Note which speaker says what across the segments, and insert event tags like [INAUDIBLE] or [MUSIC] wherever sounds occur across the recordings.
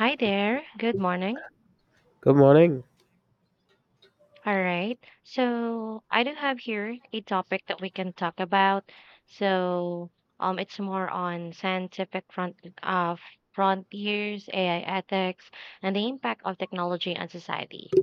Speaker 1: Hi there. Good morning.
Speaker 2: Good morning.
Speaker 1: All right. So I do have here a topic that we can talk about. So it's more on scientific uh, frontiers, AI ethics, and the impact of technology on society.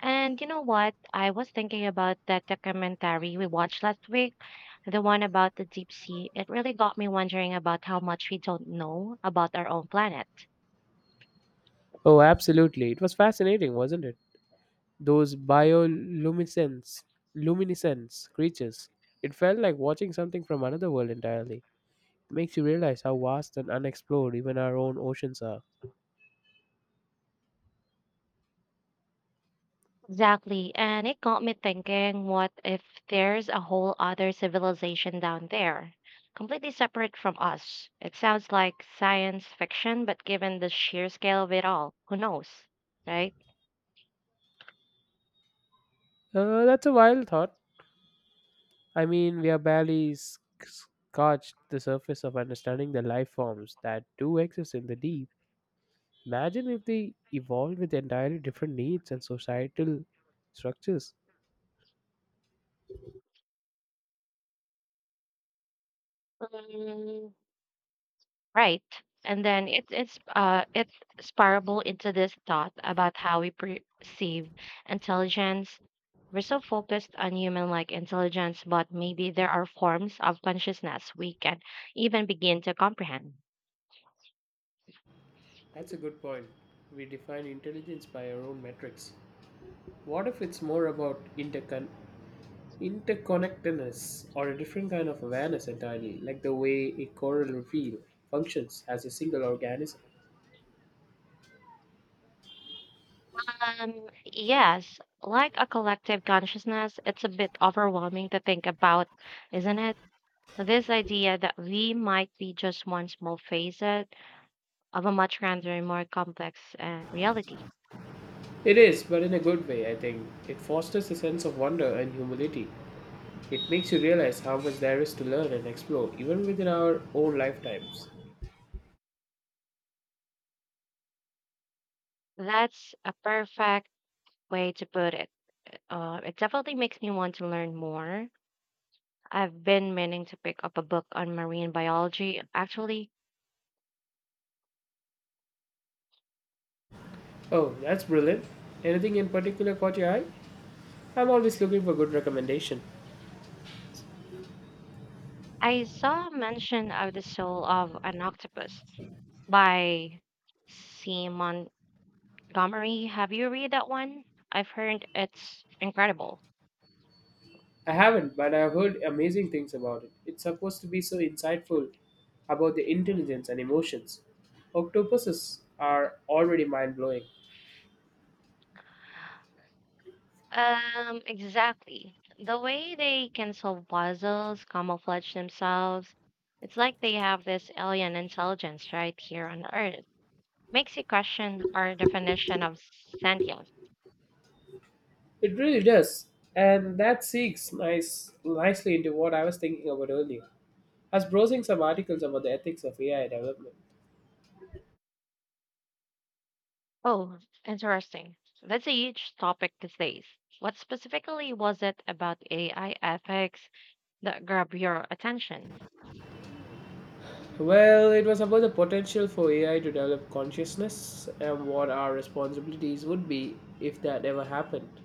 Speaker 1: And you know what? I was thinking about that documentary we watched last week, the one about the deep sea. It really got me wondering about how much we don't know about our own planet.
Speaker 2: Oh, absolutely. It was fascinating, wasn't it? Those bioluminescence luminescence creatures. It felt like watching something from another world entirely. It makes you realize how vast and unexplored even our own oceans are.
Speaker 1: Exactly. And it got me thinking, what if there's a whole other civilization down there, completely separate from us? It sounds like science fiction, but given the sheer scale of it all, who knows, right?
Speaker 2: That's a wild thought. I mean, we are barely scratched the surface of understanding the life forms that do exist in the deep. Imagine if they evolved with entirely different needs and societal structures.
Speaker 1: Mm, right. And then it's spirable into this thought about how we perceive intelligence. We're so focused on human-like intelligence, but maybe there are forms of consciousness we can even begin to comprehend.
Speaker 2: That's a good point. We define intelligence by our own metrics. What if it's more about interconnectedness or a different kind of awareness entirely, like the way a coral reef functions as a single organism?
Speaker 1: Yes, like a collective consciousness, it's a bit overwhelming to think about, isn't it? This idea that we might be just one small facet of a much grander and more complex reality.
Speaker 2: It is, but in a good way, I think. It fosters a sense of wonder and humility. It makes you realize how much there is to learn and explore, even within our own lifetimes.
Speaker 1: That's a perfect way to put it. It definitely makes me want to learn more. I've been meaning to pick up a book on marine biology. Actually,
Speaker 2: Oh, that's brilliant. Anything in particular caught your eye? I'm always looking for good recommendation.
Speaker 1: I saw mention of the soul of an octopus by Simon Montgomery. Have you read that one? I've heard it's incredible.
Speaker 2: I haven't, but I've heard amazing things about it. It's supposed to be so insightful about the intelligence and emotions. Octopuses are already mind blowing.
Speaker 1: Exactly. The way they can solve puzzles, camouflage themselves, it's like they have this alien intelligence right here on Earth. Makes you question our definition of sentient.
Speaker 2: It really does. And that seeks nicely into what I was thinking about earlier. I was browsing some articles about the ethics of AI development.
Speaker 1: Oh, interesting. That's a huge topic these days. What specifically was it about AI ethics that grabbed your attention?
Speaker 2: Well, it was about the potential for AI to develop consciousness and what our responsibilities would be if that ever happened.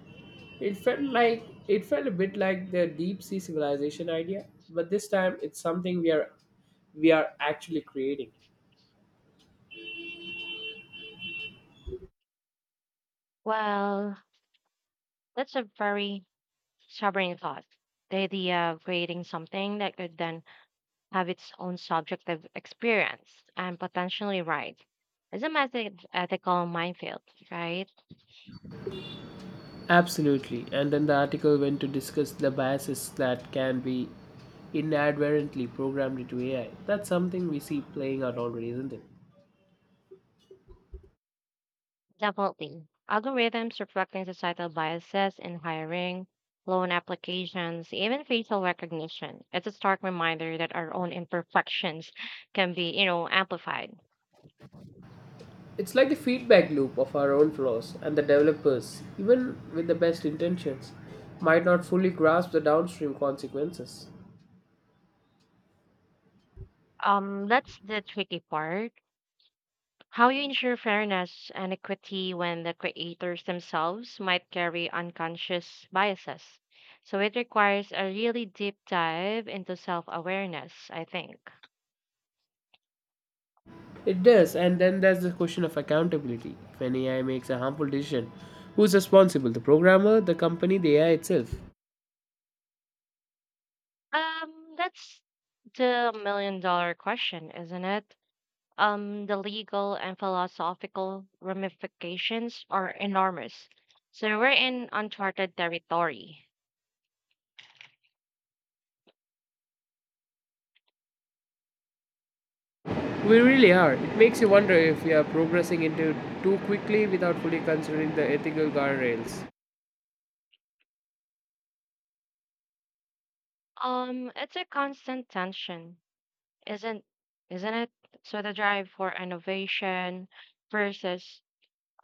Speaker 2: It felt like it felt a bit like the deep sea civilization idea, but this time it's something we are actually creating.
Speaker 1: Well, that's a very Sovereign thought, the idea of creating something that could then have its own subjective experience and potentially right, is a massive ethical minefield, right?
Speaker 2: Absolutely. And then the article went to discuss the biases that can be inadvertently programmed into AI. That's something we see playing out already, isn't it?
Speaker 1: Definitely. Algorithms reflecting societal biases in hiring, loan applications, even facial recognition. It's a stark reminder that our own imperfections can be, amplified.
Speaker 2: It's like the feedback loop of our own flaws, and the developers, even with the best intentions, might not fully grasp the downstream consequences.
Speaker 1: That's the tricky part. How you ensure fairness and equity when the creators themselves might carry unconscious biases. So it requires a really deep dive into self awareness, I think.
Speaker 2: It does, and then there's the question of accountability. If an AI makes a harmful decision, who's responsible? The programmer, the company, the AI itself?
Speaker 1: That's the million-dollar question, isn't it? The legal and philosophical ramifications are enormous. So we're in uncharted territory.
Speaker 2: We really are. It makes you wonder if we are progressing into too quickly without fully considering the ethical guardrails.
Speaker 1: It's a constant tension. Isn't isn't it? So the drive for innovation versus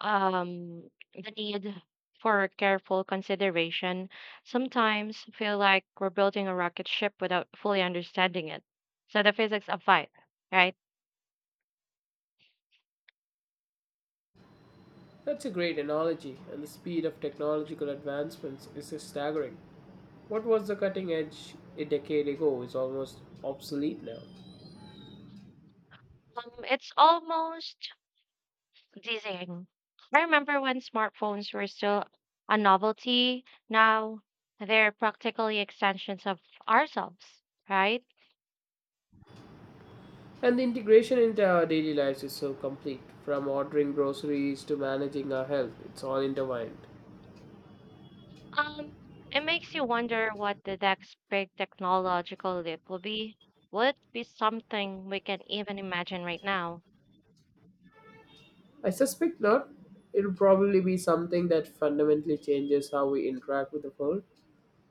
Speaker 1: the need for careful consideration sometimes feel like we're building a rocket ship without fully understanding it. So the physics of life, right?
Speaker 2: That's a great analogy, and the speed of technological advancements is just staggering. What was the cutting edge a decade ago is almost obsolete now.
Speaker 1: It's almost dizzying. I remember when smartphones were still a novelty. Now they're practically extensions of ourselves, right?
Speaker 2: And the integration into our daily lives is so complete. From ordering groceries to managing our health, it's all intertwined.
Speaker 1: Um, it makes you wonder what the next big technological leap will be. Will it be something we can even imagine right now?
Speaker 2: I suspect not. It'll probably be something that fundamentally changes how we interact with the world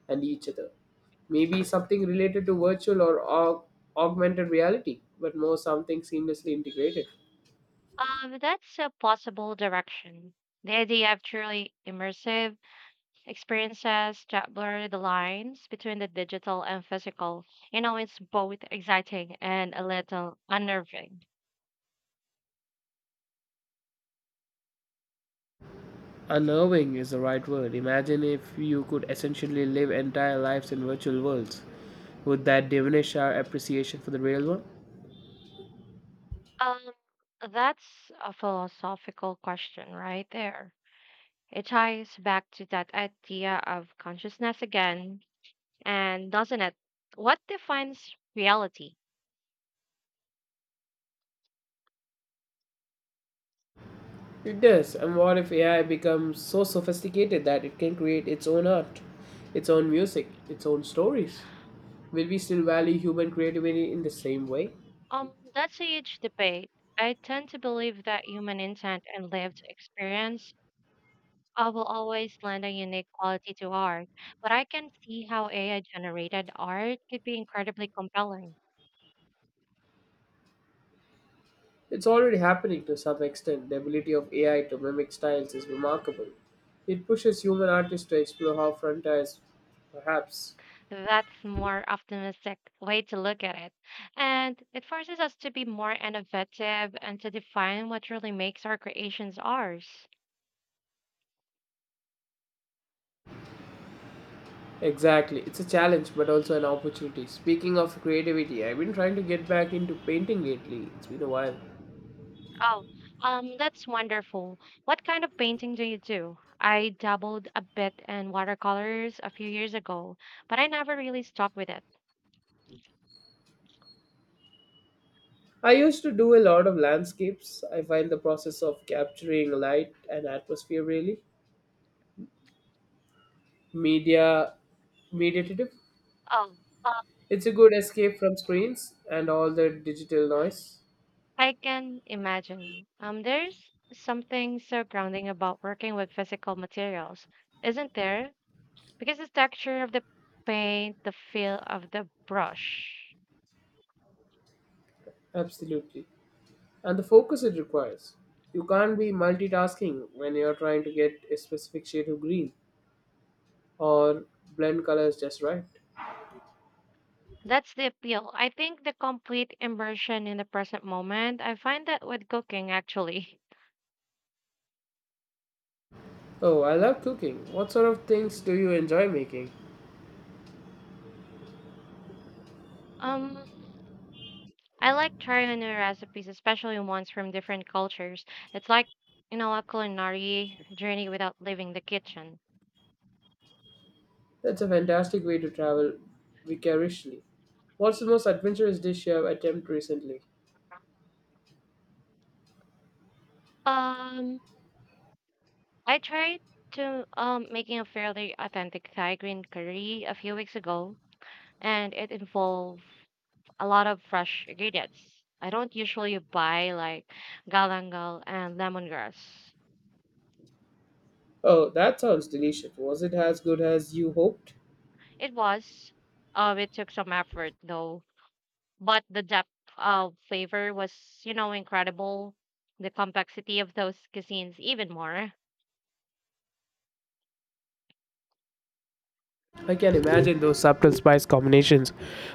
Speaker 2: and each other. Maybe something related to virtual or augmented reality, but more something seamlessly integrated.
Speaker 1: That's a possible direction. The idea of truly immersive experiences that blur the lines between the digital and physical, it's both exciting and a little unnerving.
Speaker 2: Unnerving is the right word. Imagine if you could essentially live entire lives in virtual worlds. Would that diminish our appreciation for the real one?
Speaker 1: Um, that's a philosophical question right there. It ties back to that idea of consciousness again and doesn't it? What defines reality?
Speaker 2: It does. And what if AI becomes so sophisticated that it can create its own art, its own music, its own stories? Will we still value human creativity in the same way?
Speaker 1: That's a huge debate. I tend to believe that human intent and lived experience will always lend a unique quality to art, but I can see how AI generated art could be incredibly compelling.
Speaker 2: It's already happening to some extent. The ability of AI to mimic styles is remarkable. It pushes human artists to explore how frontiers, perhaps.
Speaker 1: That's more optimistic way to look at it. And it forces us to be more innovative and to define what really makes our creations ours.
Speaker 2: Exactly. It's a challenge, but also an opportunity. Speaking of creativity, I've been trying to get back into painting lately. It's been a while.
Speaker 1: Oh, that's wonderful. What kind of painting do you do? I dabbled a bit in watercolors a few years ago, but I never really stuck with it.
Speaker 2: I used to do a lot of landscapes. I find the process of capturing light and atmosphere really media meditative.
Speaker 1: Oh, uh,
Speaker 2: It's a good escape from screens and all the digital noise.
Speaker 1: I can imagine. There's something so grounding about working with physical materials, isn't there? Because the texture of the paint, the feel of the brush.
Speaker 2: Absolutely. And the focus it requires. You can't be multitasking when you're trying to get a specific shade of green or blend colors just right.
Speaker 1: That's the appeal. I think the complete immersion in the present moment. I find that with cooking, actually.
Speaker 2: Oh, I love cooking. What sort of things do you enjoy making?
Speaker 1: [LAUGHS] Um, I like trying new recipes, especially ones from different cultures. It's like, a culinary journey without leaving the kitchen.
Speaker 2: That's a fantastic way to travel vicariously. What's the most adventurous dish you have attempted recently?
Speaker 1: Um, I tried to making a fairly authentic Thai green curry a few weeks ago, and it involved a lot of fresh ingredients. I don't usually buy like galangal and lemongrass.
Speaker 2: Oh, that sounds delicious. Was it as good as you hoped?
Speaker 1: It was, it took some effort though but the depth of flavor was, incredible. The complexity of those cuisines even more.
Speaker 2: I can imagine those subtle spice combinations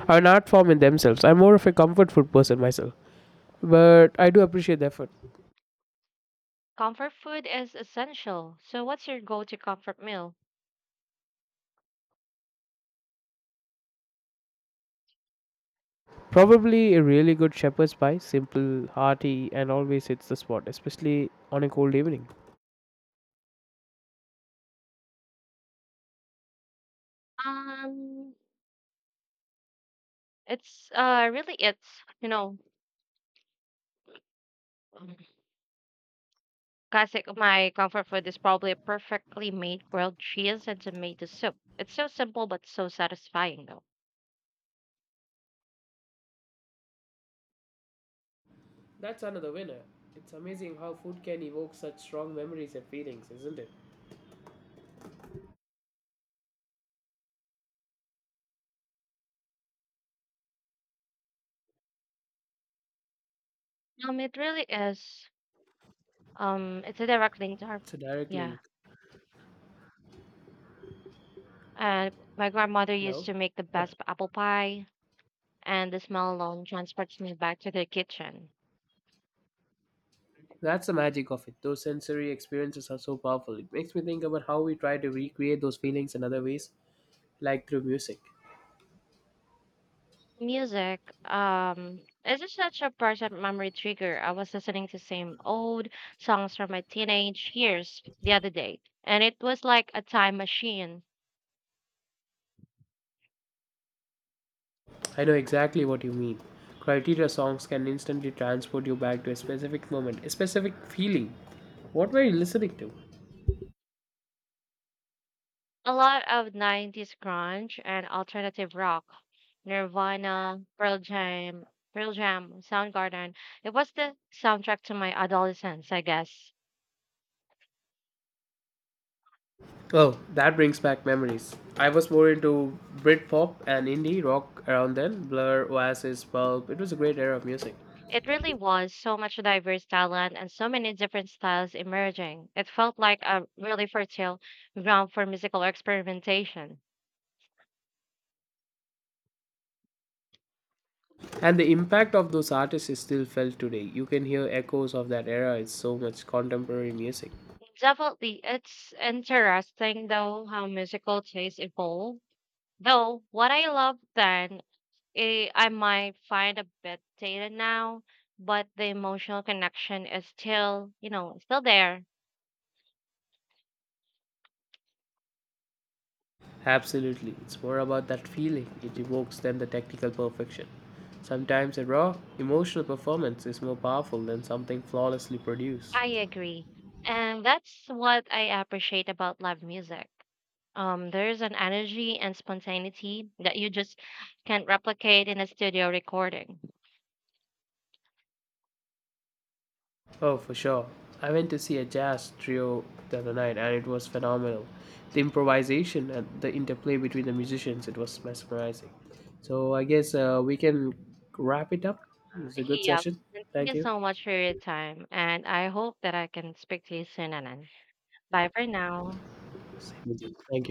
Speaker 2: are an art form in themselves. I'm more of a comfort food person myself, but I do appreciate the effort.
Speaker 1: Comfort food is essential. So what's your go-to comfort meal?
Speaker 2: Probably a really good shepherd's pie, simple, hearty, and always hits the spot, especially on a cold evening.
Speaker 1: Um, it's really it's, you know, um, classic. My comfort food is probably a perfectly made grilled cheese and tomato soup. It's so simple but so satisfying though.
Speaker 2: That's another winner. It's amazing how food can evoke such strong memories and feelings, isn't it?
Speaker 1: It really is. It's a direct link to our
Speaker 2: It's a direct
Speaker 1: yeah.
Speaker 2: link.
Speaker 1: And my grandmother used
Speaker 2: Hello?
Speaker 1: to make the best apple pie, and the smell alone transports me back to the kitchen.
Speaker 2: That's the magic of it. Those sensory experiences are so powerful. It makes me think about how we try to recreate those feelings in other ways, like through music.
Speaker 1: Music, is just such a present memory trigger. I was listening to same old songs from my teenage years the other day, and it was like a time machine.
Speaker 2: I know exactly what you mean. Criteria songs can instantly transport you back to a specific moment, a specific feeling. What were you listening to?
Speaker 1: A lot of '90s grunge and alternative rock, Nirvana, Pearl Jam, Soundgarden. It was the soundtrack to my adolescence, I guess.
Speaker 2: Oh, that brings back memories. I was more into Britpop and indie rock around then. Blur, Oasis, Pulp. It was a great era of music.
Speaker 1: It really was so much diverse talent and so many different styles emerging. It felt like a really fertile ground for musical experimentation.
Speaker 2: And the impact of those artists is still felt today. You can hear echoes of that era in so much contemporary music.
Speaker 1: Definitely, it's interesting though how musical tastes evolve. Though what I loved then, I might find a bit dated now, but the emotional connection is still, still there.
Speaker 2: Absolutely. It's more about that feeling it evokes than the technical perfection. Sometimes a raw, emotional performance is more powerful than something flawlessly produced.
Speaker 1: I agree, and that's what I appreciate about live music. There's an energy and spontaneity that you just can't replicate in a studio recording.
Speaker 2: Oh, for sure. I went to see a jazz trio the other night and it was phenomenal. The improvisation and the interplay between the musicians, it was mesmerizing. So I guess we can wrap it up. It was a good
Speaker 1: Yeah.
Speaker 2: session.
Speaker 1: And thank you
Speaker 2: Thank you.
Speaker 1: so much for your time. And I hope that I can speak to you soon, Anan. Bye for now.
Speaker 2: Same with you. Thank